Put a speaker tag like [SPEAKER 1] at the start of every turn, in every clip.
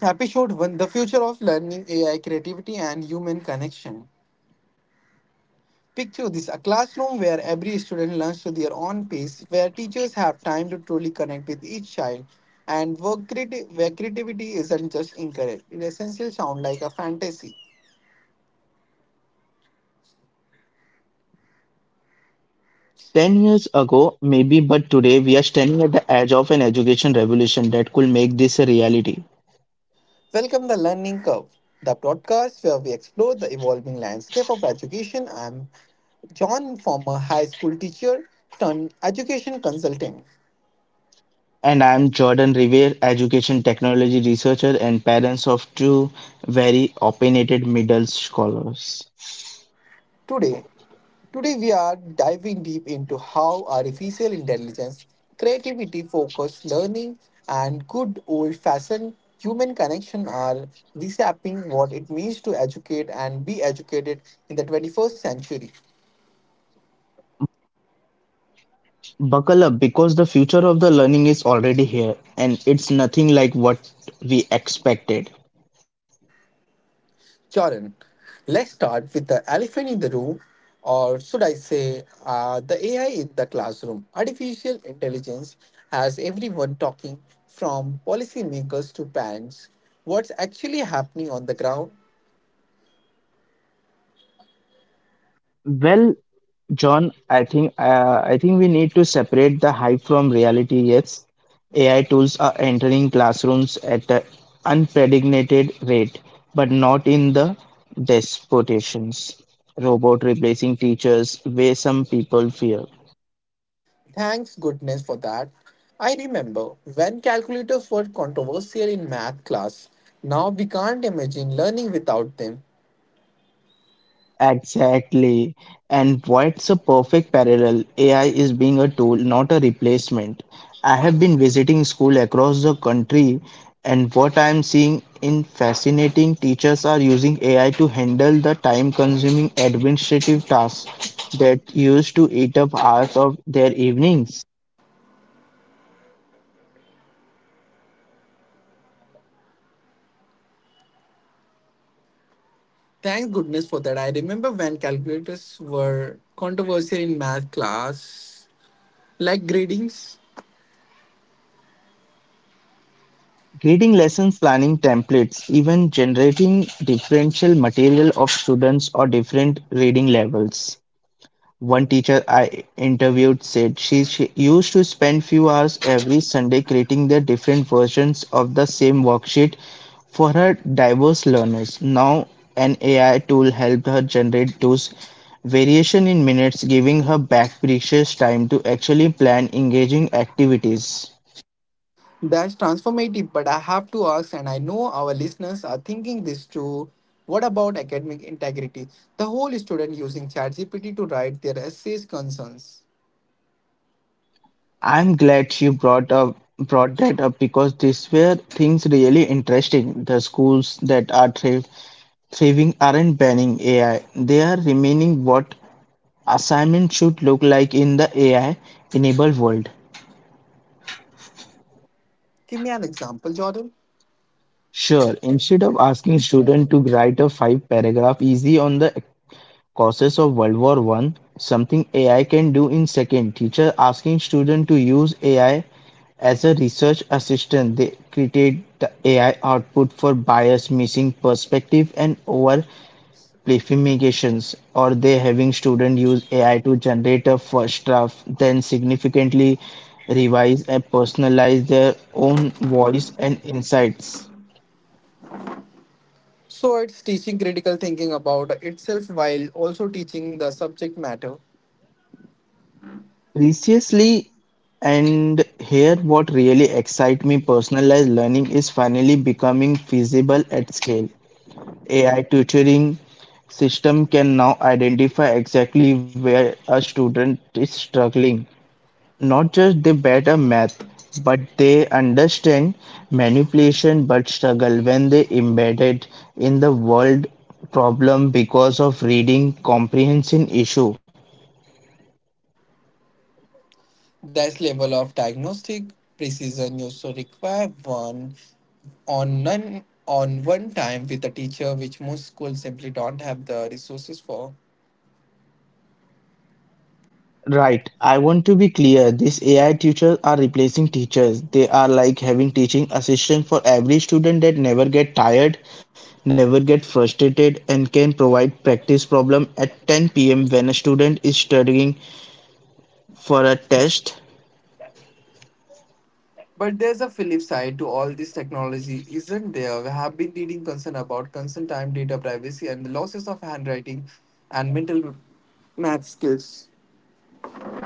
[SPEAKER 1] Happy Short 1: The Future of Learning, AI, Creativity, and Human Connection. Picture this: a classroom where every student learns to their own pace, where teachers have time to truly connect with each child, and where creativity isn't just encouraged. It essentially sounds like a fantasy.
[SPEAKER 2] 10 years ago, maybe, but today we are standing at the edge of an education revolution that could make this a reality.
[SPEAKER 1] Welcome the Learning Curve, the podcast where we explore the evolving landscape of education. I'm John, former high school teacher turned education consultant.
[SPEAKER 2] And I'm Jordan Revere, education technology researcher and parents of two very opinionated middle scholars.
[SPEAKER 1] Today, Today, we are diving deep into how artificial intelligence, creativity focused learning, and good old fashioned human connection are reshaping what it means to educate and be educated in the 21st century.
[SPEAKER 2] Buckle up because the future of the learning is already here and it's nothing like what we expected.
[SPEAKER 1] Jordan, let's start with the elephant in the room, or should I say, the AI in the classroom. Artificial intelligence has everyone talking, from policymakers to parents. What's actually happening on the ground?
[SPEAKER 2] Well, John, I think we need to separate the hype from reality. Yes, AI tools are entering classrooms at an unprecedented but not in the despotations. Robot replacing teachers, way some people fear.
[SPEAKER 1] Thanks goodness for that. I remember when calculators were controversial in math class. Now we can't imagine learning without them.
[SPEAKER 2] Exactly. And what's a perfect parallel? AI is being a tool, not a replacement. I have been visiting school across the country, and what I am seeing in fascinating teachers are using AI to handle the time-consuming administrative tasks that used to eat up hours of their evenings.
[SPEAKER 1] Thanks goodness for that. I remember when calculators were controversial in math class, like gradings.
[SPEAKER 2] Creating lesson planning templates, even generating differential material of students or different reading levels. One teacher I interviewed said she used to spend few hours every Sunday creating the different versions of the same worksheet for her diverse learners. Now an AI tool helped her generate those variation in minutes, giving her back precious time to actually plan engaging activities.
[SPEAKER 1] That's transformative, but I have to ask, and I know our listeners are thinking this too. What about academic integrity? The whole student using ChatGPT to write their essays concerns.
[SPEAKER 2] I'm glad she brought that up because these were things really interesting. The schools that are thriving Saving aren't banning AI, they are remaining what assignment should look like in the AI enabled world.
[SPEAKER 1] Give me an example, Jordan.
[SPEAKER 2] Sure, instead of asking students to write a five paragraph easy on the causes of World War One, something AI can do in second. Teacher asking students to use AI as a research assistant, they create the AI output for bias, missing perspective, and over playfifications, or they having students use AI to generate a first draft, then significantly revise and personalize their own voice and insights.
[SPEAKER 1] So it's teaching critical thinking about itself while also teaching the subject matter.
[SPEAKER 2] Preciously, and here what really excites me, personalized learning is finally becoming feasible at scale. AI tutoring system can now identify exactly where a student is struggling. Not just they better math, but they understand manipulation but struggle when they embed it in the world problem because of reading comprehension issue.
[SPEAKER 1] This level of diagnostic precision used to require one on none on one time with a teacher, which most schools simply don't have the resources for.
[SPEAKER 2] Right. I want to be clear. These AI teachers are replacing teachers. They are like having teaching assistant for every student that never get tired, never get frustrated, and can provide practice problem at 10 p.m. when a student is studying for a test.
[SPEAKER 1] But there's a flip side to all this technology, isn't there? We have been reading concern about consent time, data privacy, and the losses of handwriting and mental math skills.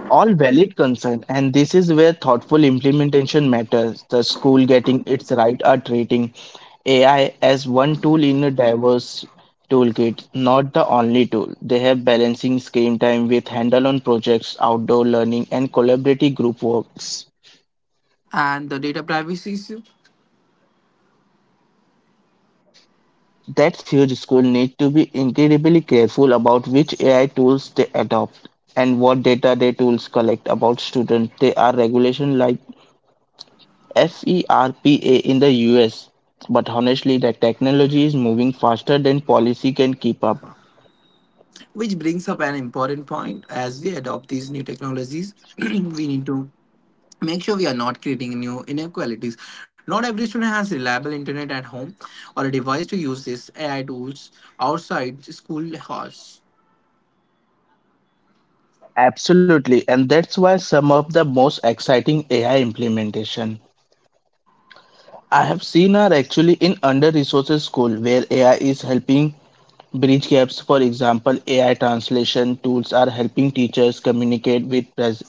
[SPEAKER 2] All valid concern, and this is where thoughtful implementation matters. The school getting its right are treating AI as one tool in a diverse toolkit, not the only tool. They have balancing screen time with handle on projects, outdoor learning, and collaborative group works.
[SPEAKER 1] And the data privacy issue.
[SPEAKER 2] That's huge school need to be incredibly careful about which AI tools they adopt and what data they tools collect about students. They are regulation like FERPA in the US, but honestly, the technology is moving faster than policy can keep up.
[SPEAKER 1] Which brings up an important point. As we adopt these new technologies, we need to make sure we are not creating new inequalities. Not every student has reliable internet at home or a device to use these AI tools outside school halls.
[SPEAKER 2] Absolutely, and that's why some of the most exciting AI implementation I have seen are actually in under-resourced school where AI is helping bridge gaps. For example, AI translation tools are helping teachers communicate with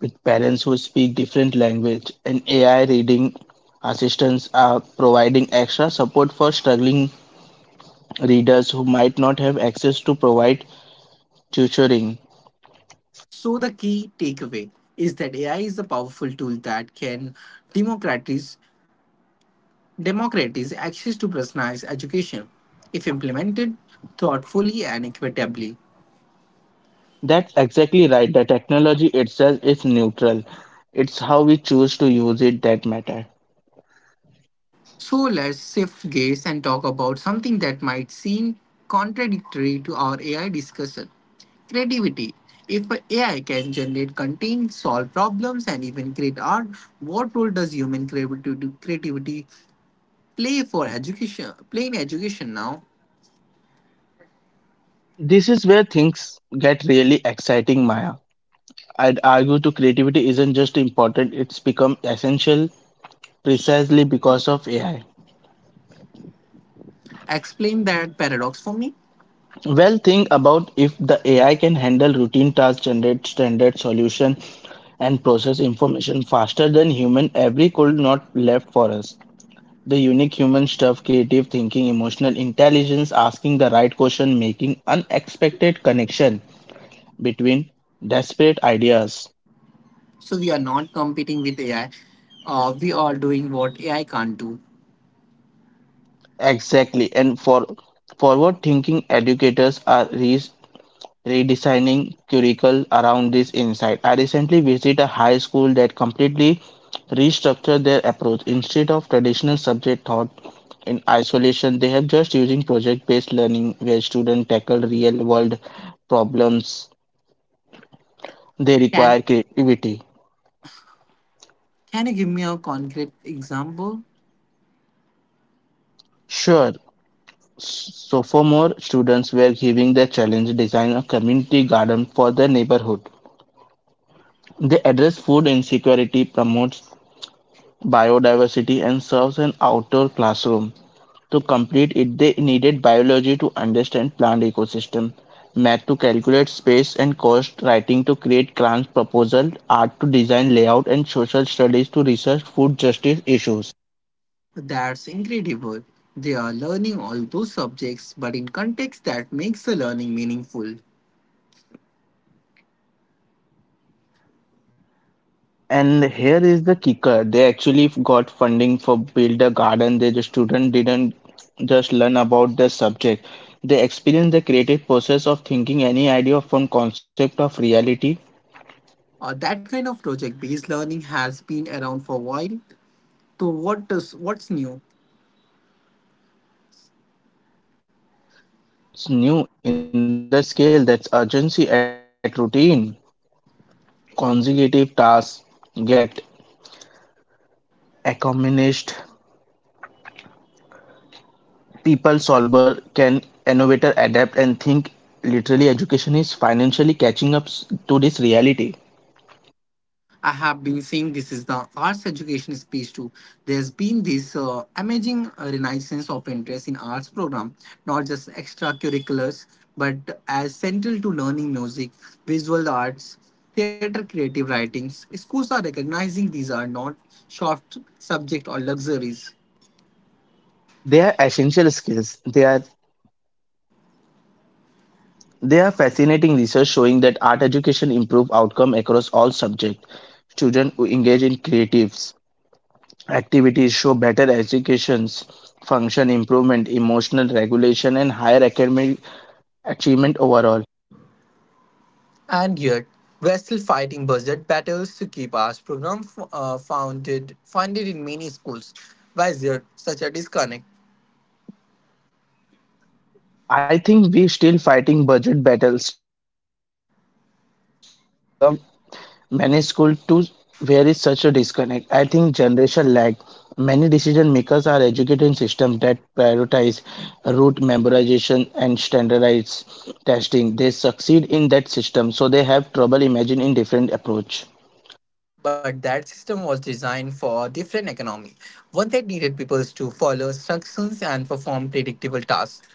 [SPEAKER 2] with parents who speak different language, and AI reading assistants are providing extra support for struggling readers who might not have access to provide tutoring.
[SPEAKER 1] So, the key takeaway is that AI is a powerful tool that can democratize, democratize access to personalized education if implemented thoughtfully and equitably.
[SPEAKER 2] That's exactly right. The technology itself is neutral. It's how we choose to use it that matter.
[SPEAKER 1] So let's shift gears and talk about something that might seem contradictory to our AI discussion: creativity. If AI can generate content, solve problems, and even create art, what role does human creativity creativity play for education? Play in education now.
[SPEAKER 2] This is where things get really exciting, Maya. I'd argue to creativity isn't just important, it's become essential precisely because of AI.
[SPEAKER 1] Explain that paradox for me.
[SPEAKER 2] Well, think about if the AI can handle routine tasks, generate standard solution, and process information faster than human, every could not left for us. The unique human stuff, creative thinking, emotional intelligence, asking the right question, making unexpected connection between desperate ideas.
[SPEAKER 1] So we are not competing with AI. We are doing what AI can't do.
[SPEAKER 2] Exactly. And for forward thinking educators are redesigning curricula around this insight. I recently visited a high school that completely restructured their approach. Instead of traditional subject thought in isolation, they have just using project-based learning where students tackle real-world problems They
[SPEAKER 1] Can
[SPEAKER 2] require creativity.
[SPEAKER 1] Can you give me a concrete example?
[SPEAKER 2] Sure, sophomore students were giving the challenge to design a community garden for their neighborhood. They address food insecurity, promotes biodiversity, and serves an outdoor classroom. To complete it, they needed biology to understand plant ecosystem, math to calculate space and cost, writing to create grant proposal, art to design layout, and social studies to research food justice issues.
[SPEAKER 1] That's incredible. They are learning all those subjects, but in context that makes the learning meaningful.
[SPEAKER 2] And here is the kicker. They actually got funding for build a garden. The student didn't just learn about the subject. They experienced the creative process of thinking any idea from concept of reality.
[SPEAKER 1] That kind of project-based learning has been around for a while. So what's new?
[SPEAKER 2] What's new in the scale that's urgency at routine? Consecutive tasks get accomplished. People solver can innovator adapt and think literally education is financially catching up to this reality.
[SPEAKER 1] I have been saying this is the arts education space too. There's been this amazing renaissance of interest in arts program, not just extracurriculars, but as central to learning: music, visual arts, theater, creative writings. Schools are recognizing these are not soft subject or luxuries.
[SPEAKER 2] They are essential skills. They are fascinating research showing that art education improve outcome across all subjects. Students who engage in creative activities show better educations, function improvement, emotional regulation, and higher academic achievement overall.
[SPEAKER 1] And yet, we're still fighting budget battles to keep arts program f- founded funded in many schools. Why is there such a disconnect?
[SPEAKER 2] I think we still fighting budget battles to keep an art program funded Many too, where is such a disconnect. I think generation lag. Many decision makers are educated in systems that prioritize route memorization and standardized testing. They succeed in that system, so they have trouble imagining in different approach.
[SPEAKER 1] But that system was designed for a different economy, one that needed people to follow instructions and perform predictable tasks,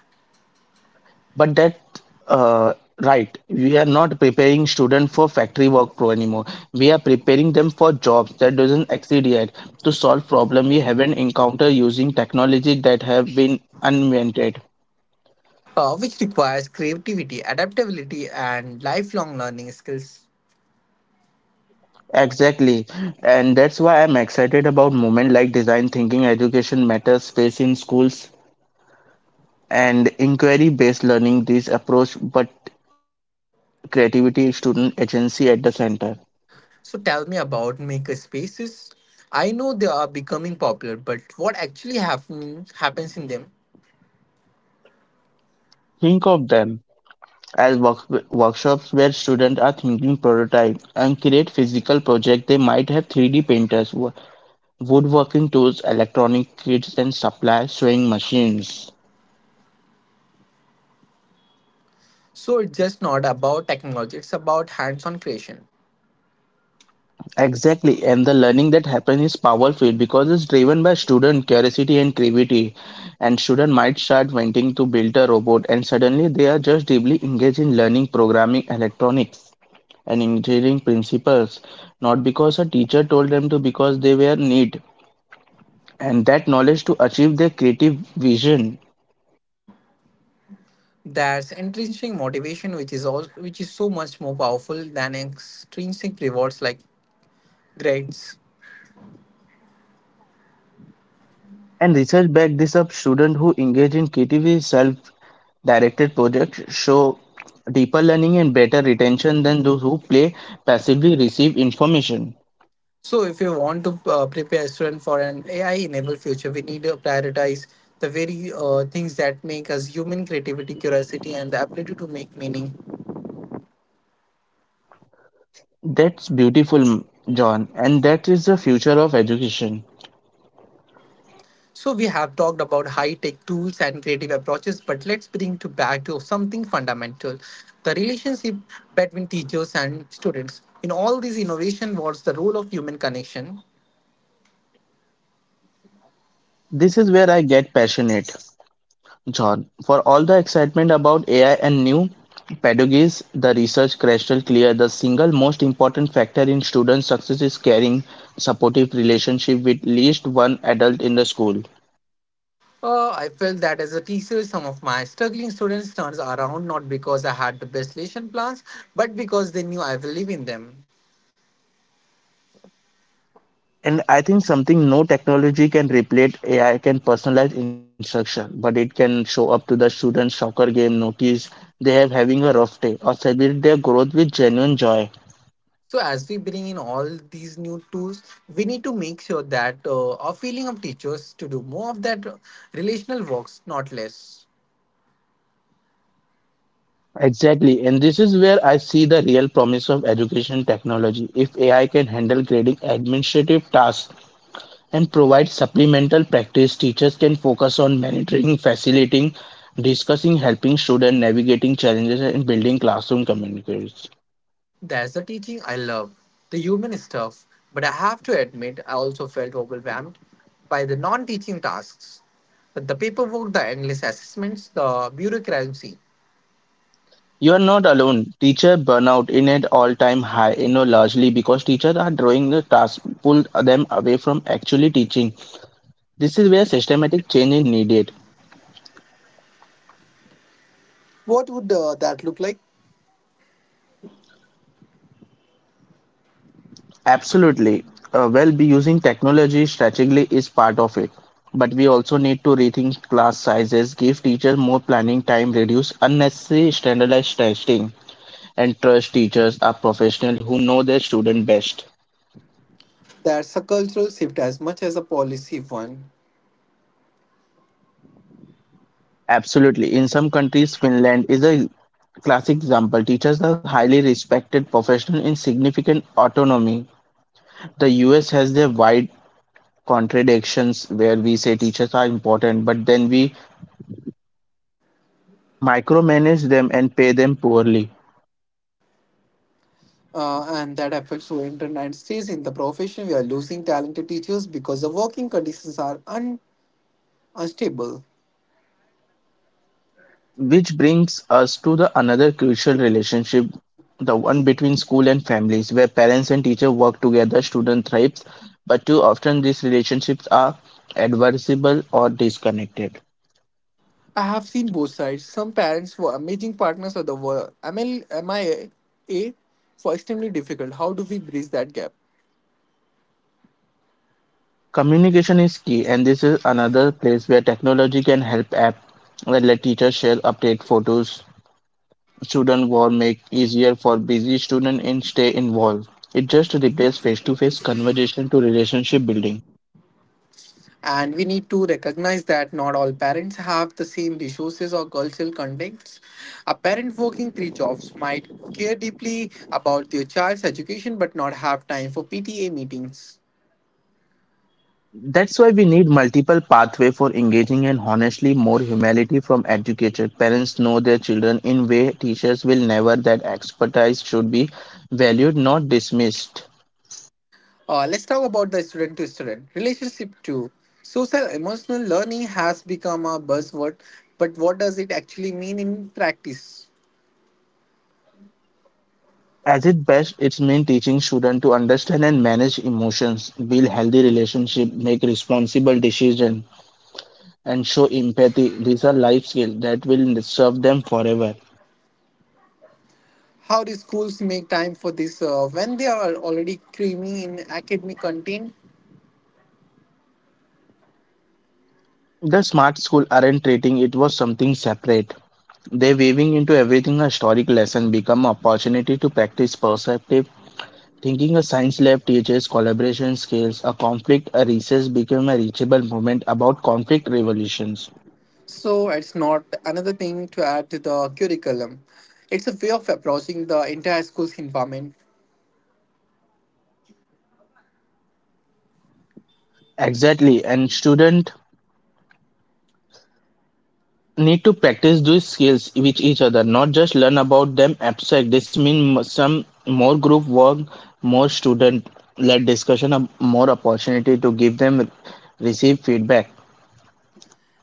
[SPEAKER 2] But that uh, right, we are not preparing students for factory work pro anymore. We are preparing them for jobs that doesn't exist yet to solve problem we haven't encountered using technology that have been uninvented.
[SPEAKER 1] which requires creativity, adaptability, and lifelong learning skills.
[SPEAKER 2] Exactly, and that's why I'm excited about movement like design thinking, education matters, space in schools, and inquiry-based learning. This approach, but creativity, student agency at the center.
[SPEAKER 1] So tell me about maker spaces. I know they are becoming popular, but what happens in them?
[SPEAKER 2] Think of them as workshops where students are thinking prototype and create physical project. They might have 3D printers woodworking tools, electronic kits and supply sewing machines.
[SPEAKER 1] So it's just not about technology; it's about hands-on creation.
[SPEAKER 2] Exactly, and the learning that happens is powerful because it's driven by student curiosity and creativity, and student might start wanting to build a robot and suddenly they are just deeply engaged in learning programming, electronics and engineering principles, not because a teacher told them to because they were need and that knowledge to achieve their creative vision.
[SPEAKER 1] There's intrinsic motivation, which is so much more powerful than extrinsic rewards like grades.
[SPEAKER 2] And research back this up, students who engage in creative self-directed projects show deeper learning and better retention than those who play passively receive information.
[SPEAKER 1] So, if you want to prepare student for an AI-enabled future, we need to prioritize the very things that make us human: creativity, curiosity, and the ability to make meaning.
[SPEAKER 2] That's beautiful, John, and that is the future of education.
[SPEAKER 1] So, we have talked about high-tech tools and creative approaches, but let's bring to back to something fundamental: the relationship between teachers and students. In all these innovation, what's the role of human connection?
[SPEAKER 2] This is where I get passionate. John, for all the excitement about AI and new pedagogies, the research crystal clear the single most important factor in student success is caring, supportive relationship with least one adult in the school.
[SPEAKER 1] I felt that as a teacher, some of my struggling students turned around not because I had the best lesson plans, but because they knew I believe in them.
[SPEAKER 2] And I think something no technology can replace AI can personalize instruction, but it can show up to the students soccer game notice they have having a rough day or celebrate their growth with genuine joy.
[SPEAKER 1] So, as we bring in all these new tools, we need to make sure that our feeling of teachers to do more of that relational works, not less.
[SPEAKER 2] Exactly, and this is where I see the real promise of education technology. If AI can handle grading administrative tasks and provide supplemental practice, teachers can focus on monitoring, facilitating, discussing, helping students, navigating challenges, and building classroom communities.
[SPEAKER 1] That's the teaching I love, the human stuff. But I have to admit, I also felt overwhelmed by the non teaching tasks: the paperwork, the endless assessments, the bureaucracy.
[SPEAKER 2] You are not alone. Teacher burnout in an all-time high, you know, largely because teachers are drawing the task, pull them away from actually teaching. This is where systematic change is needed.
[SPEAKER 1] What would that look like?
[SPEAKER 2] Absolutely. Well, be using technology strategically is part of it, but we also need to rethink class sizes, give teachers more planning time, reduce unnecessary standardized testing, and trust teachers are professionals who know their student best.
[SPEAKER 1] That's a cultural shift as much as a policy one.
[SPEAKER 2] Absolutely. In some countries, Finland is a classic example. Teachers are highly respected professionals in significant autonomy. The US has their wide contradictions where we say teachers are important, but then we micromanage them and pay them poorly.
[SPEAKER 1] And that affects who enter and stays in the profession. We are losing talented teachers because the working conditions are unstable.
[SPEAKER 2] Which brings us to the another crucial relationship, the one between school and families, where parents and teacher work together, student thrives, but too often these relationships are adversible or disconnected.
[SPEAKER 1] I have seen both sides. Some parents were amazing partners of the world. MIA for extremely difficult. How do we bridge that gap?
[SPEAKER 2] Communication is key, and this is another place where technology can help app that let teachers share update photos, student war make easier for busy student and stay involved. It just replaces face-to-face conversation to relationship building.
[SPEAKER 1] And we need to recognize that not all parents have the same resources or cultural contexts. A parent working three jobs might care deeply about their child's education but not have time for PTA meetings.
[SPEAKER 2] That's why we need multiple pathway for engaging and honestly more humanity from educated parents know their children in way teachers will never that expertise should be valued not dismissed.
[SPEAKER 1] Let's talk about the student to student relationship too. Social emotional learning has become a buzzword, but what does it actually mean in practice?
[SPEAKER 2] As it best it's mean teaching students to understand and manage emotions, build healthy relationship, make responsible decision and show empathy. These are life skills that will serve them forever.
[SPEAKER 1] How do schools make time for this when they are already cramming in academic content?
[SPEAKER 2] The smart school aren't treating it was something separate. They weaving into everything a historic lesson become opportunity to practice perceptive thinking. A science lab teaches collaboration skills. A conflict, a recess became a reachable movement about conflict revolutions.
[SPEAKER 1] So it's not another thing to add to the curriculum. It's a way of approaching the entire school's environment.
[SPEAKER 2] Exactly, and student need to practice these skills with each other, not just learn about them abstract. This means some more group work, more student-led discussion, a more opportunity to give them receive feedback.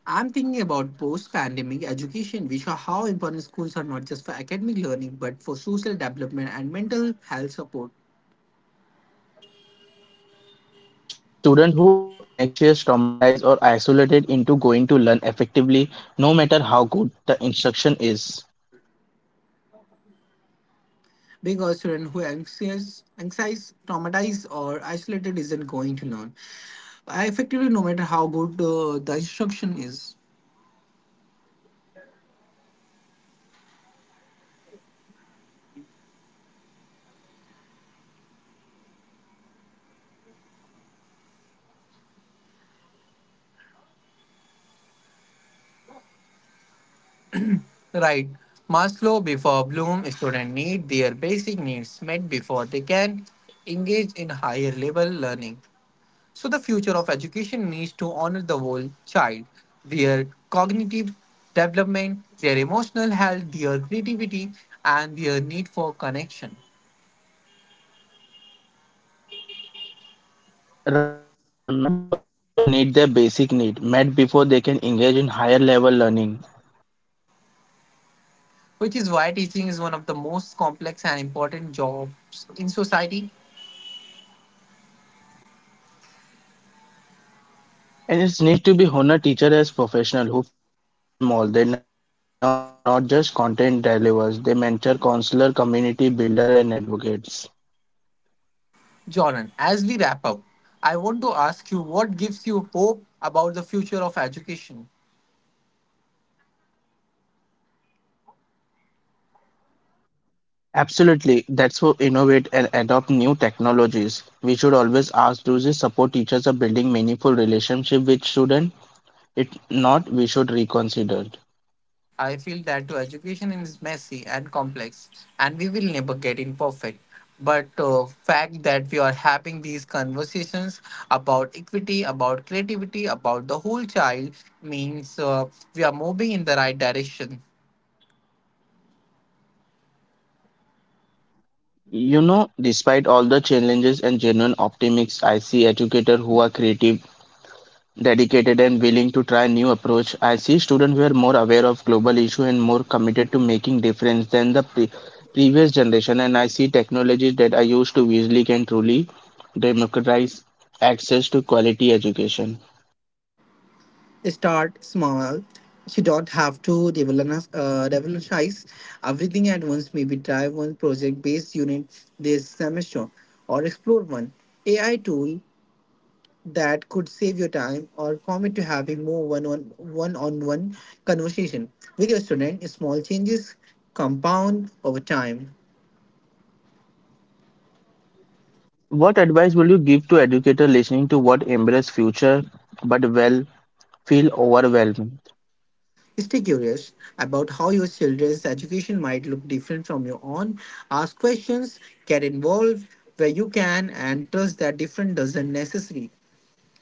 [SPEAKER 1] I'm thinking about post pandemic education, which are how important schools are not just for academic learning but for social development and mental health support.
[SPEAKER 2] Because a student who anxious, traumatized or isolated into going to learn effectively no matter how good the instruction is.
[SPEAKER 1] Because students who are anxious, traumatized, or isolated isn't going to learn. I effectively, no matter how good the instruction is. Right. Maslow before Bloom: students need their basic needs met before they can engage in higher level learning. So the future of education needs to honor the whole child, their cognitive development, their emotional health, their creativity, and their need for connection.
[SPEAKER 2] Right. Maslow before Bloom students need their basic need met before they can engage in higher level learning.
[SPEAKER 1] Which is why teaching is one of the most complex and important jobs in society.
[SPEAKER 2] And it's need to be honored teacher as professional who facilitate them all. They are not just content delivers, they mentor, counselor, community builder and advocates.
[SPEAKER 1] Jordan, as we wrap up, I want to ask you: what gives you hope about the future of education?
[SPEAKER 2] Absolutely. That's for innovate and adopt new technologies. We should always ask do this support teachers are building meaningful relationship with students? If not, we should reconsider.
[SPEAKER 1] I feel that too. Education is messy and complex, and we will never get it perfect. But fact that we are having these conversations about equity, about creativity, about the whole child means we are moving in the right direction.
[SPEAKER 2] You know, despite all the challenges and genuine optimists, I see educators who are creative, dedicated, and willing to try new approach. I see students who are more aware of global issue and more committed to making difference than the previous generation. And I see technologies that are used to easily can truly democratize access to quality education.
[SPEAKER 1] Start small. You don't have to revolutionize everything at once. Maybe try one project based unit this semester or explore one AI tool that could save your time, or commit to having more one conversation with your student. Small changes compound over time.
[SPEAKER 2] What advice will you give to educator listening to what embrace future but well feel overwhelmed?
[SPEAKER 1] Stay curious about how your children's education might look different from your own. Ask questions, get involved where you can, and trust that different doesn't necessarily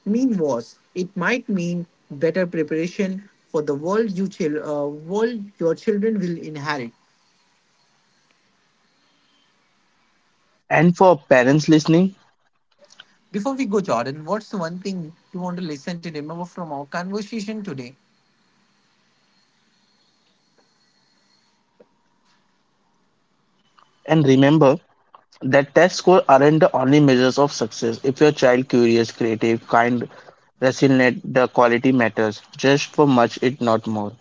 [SPEAKER 1] mean worse. It might mean better preparation for the world your children will inherit.
[SPEAKER 2] And for parents listening,
[SPEAKER 1] Before we go, Jordan, what's the one thing you want the listener to remember from our conversation today?
[SPEAKER 2] and remember. That test scores aren't the only measures of success. If your child curious, creative, kind, resilient, the quality matters. Just for much it not more.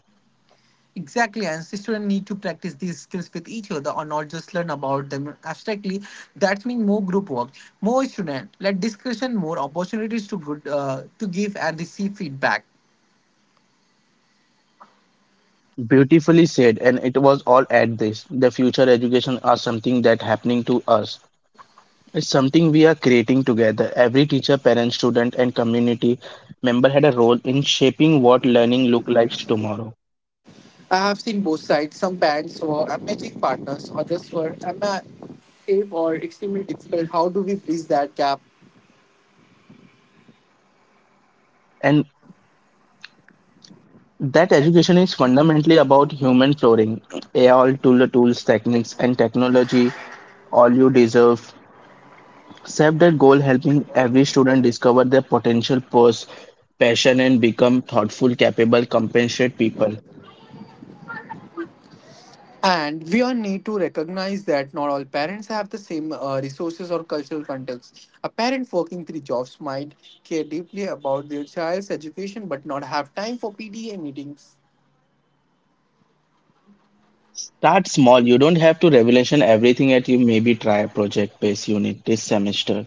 [SPEAKER 1] Exactly, and students need to practice these skills with each other or not just learn about them abstractly. That means more group work, more student, let discussion, more opportunities to good to give and receive feedback.
[SPEAKER 2] Beautifully said, and it was all at this. The future education are something that happening to us. It's something we are creating together. Every teacher, parent, student, and community member had a role in shaping what learning look like tomorrow.
[SPEAKER 1] I have seen both sides. Some bands were amazing partners, others were or extremely difficult. How do we bridge that gap?
[SPEAKER 2] And that education is fundamentally about human flooring, all tool the tools, techniques, and technology, all you deserve. Set that goal, helping every student discover their potential, purse, passion, and become thoughtful, capable, compassionate people.
[SPEAKER 1] And we all need to recognize that not all parents have the same resources or cultural context. A parent working three jobs might care deeply about their child's education but not have time for PDA meetings.
[SPEAKER 2] Start small. You don't have to revolution everything at you. Maybe try a project-based unit this semester,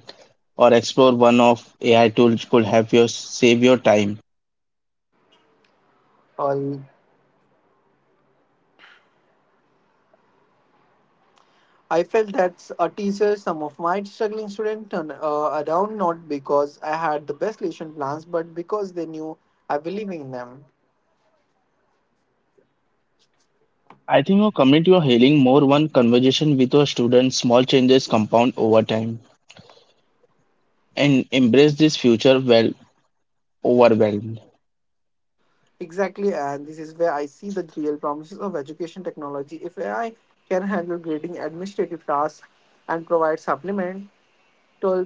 [SPEAKER 2] or explore one of AI tools could help you save your time.
[SPEAKER 1] All I felt that's a teacher. Some of my struggling students turned around not because I had the best lesson plans but because they knew I believe in them.
[SPEAKER 2] I think a community or healing more one conversation with a student, small changes compound over time. And embrace this future well overwhelmed.
[SPEAKER 1] Exactly, and this is where I see the real promises of education technology. If AI can handle grading administrative tasks and provide supplemental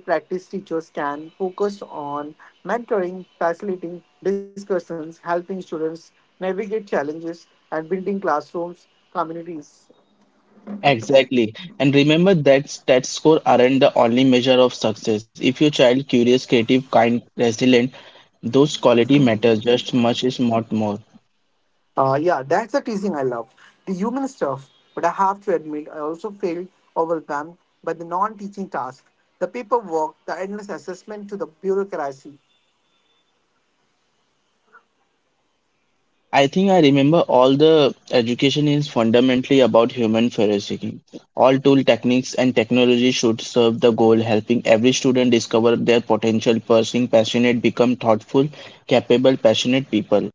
[SPEAKER 1] practice, teachers can focus on mentoring, facilitating discussions, helping students navigate challenges, and building classrooms, communities.
[SPEAKER 2] Exactly. And remember that stats score aren't the only measure of success. If your child curious, creative, kind, resilient, those quality matter just much is not more.
[SPEAKER 1] Yeah, that's the teasing I love. The human stuff, but I have to admit, I also feel overwhelmed by the non teaching tasks: the paperwork, the endless assessment to the bureaucracy.
[SPEAKER 2] I think I remember all the education is fundamentally about human flourishing. All tool techniques and technology should serve the goal helping every student discover their potential, pursuing passionate, become thoughtful, capable, passionate people.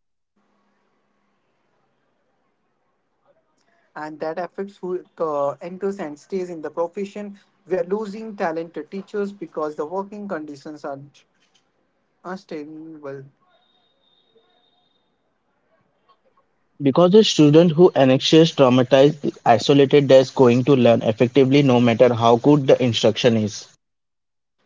[SPEAKER 1] And that affects who enters and stays in the profession. We are losing talented teachers because the working conditions are unstable.
[SPEAKER 2] Because a student who anxious, traumatized, isolated is going to learn effectively no matter how good the instruction is.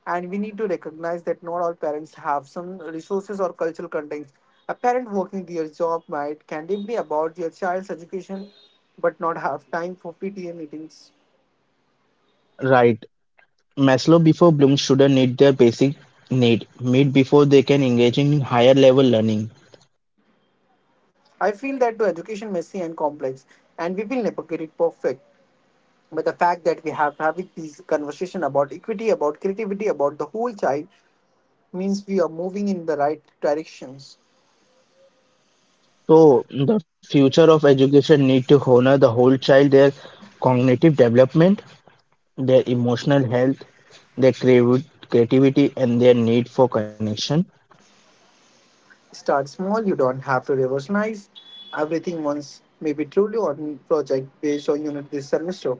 [SPEAKER 1] And we need to recognize that not all parents have some resources or cultural contents. A parent working their job might can deeply about their child's education but not have time for PTA meetings.
[SPEAKER 2] Right. Maslow before Bloom students need their basic need, meet before they can engage in higher level learning.
[SPEAKER 1] I feel that to education messy and complex, and we will never get it perfect. But the fact that we have having these conversation about equity, about creativity, about the whole child means we are moving in the right directions.
[SPEAKER 2] So the future of education need to honor the whole child, their cognitive development, their emotional health, their creativity, and their need for connection.
[SPEAKER 1] Start small, you don't have to revolutionize everything once. Maybe truly on project based on unit this semester,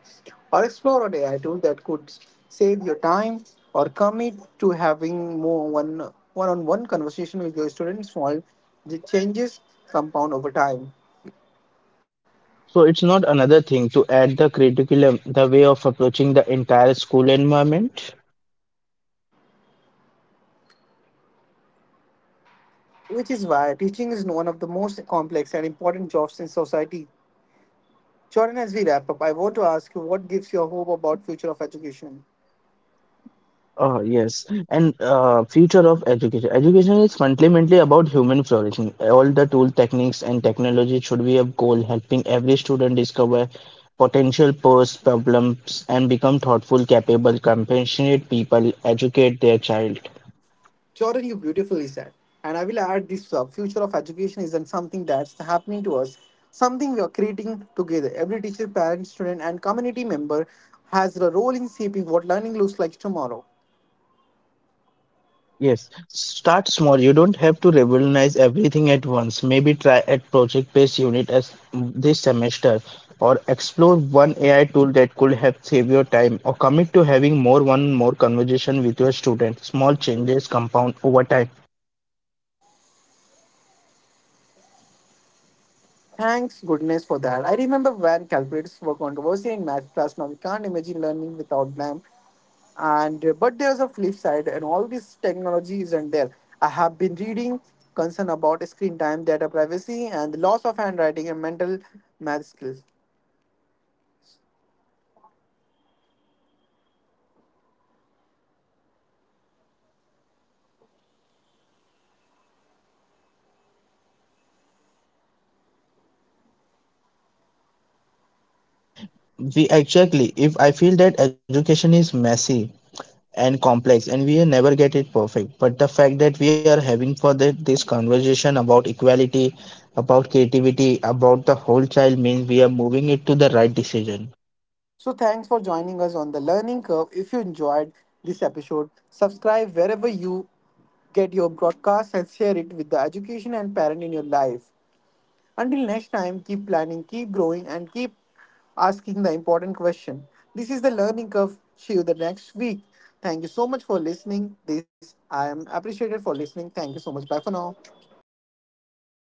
[SPEAKER 1] or explore an AI tool that could save your time, or commit to having more one one-on-one conversation with your students. Small the changes compound over time,
[SPEAKER 2] So it's not another thing to add the curriculum, the way of approaching the entire school environment.
[SPEAKER 1] which is why teaching is one of the most complex and important jobs in society. Jordan, as we wrap up, I want to ask you what gives you hope about future of education.
[SPEAKER 2] Yes, and future of education. Education is fundamentally about human flourishing. All the tool techniques and technology should be a goal, helping every student discover potential pros, problems, and become thoughtful, capable, compassionate people. Educate their child.
[SPEAKER 1] Jordan, you beautifully said. And I will add this: future of education isn't something that's happening to us, something we are creating together. Every teacher, parent, student, and community member has a role in shaping what learning looks like tomorrow.
[SPEAKER 2] Yes, start small. You don't have to revolutionize everything at once. Maybe try at project-based unit as this semester, or explore one AI tool that could help save your time, or commit to having more one more conversation with your student. Small changes compound over time.
[SPEAKER 1] Thanks goodness for that. I remember when calculators were controversial in math class. Now we can't imagine learning without them, and but there's a flip side and all this technology, isn't there? I have been reading concern about screen time, data privacy, and the loss of handwriting and mental math skills.
[SPEAKER 2] We exactly. If I feel that education is messy, and complex and we never get it perfect but the fact that we are having for that this conversation about equality about creativity about the whole child means we are moving it to the right decision.
[SPEAKER 1] So, thanks for joining us on the learning curve. If you enjoyed this episode, subscribe wherever you get your broadcast and share it with the education and parent in your life. Until next time, keep planning, keep growing, and keep asking the important question. This is the learning curve. See you the next week. Thank you so much for listening. This I am appreciated for listening. Thank you so much. Bye for now.
[SPEAKER 2] Bye for now.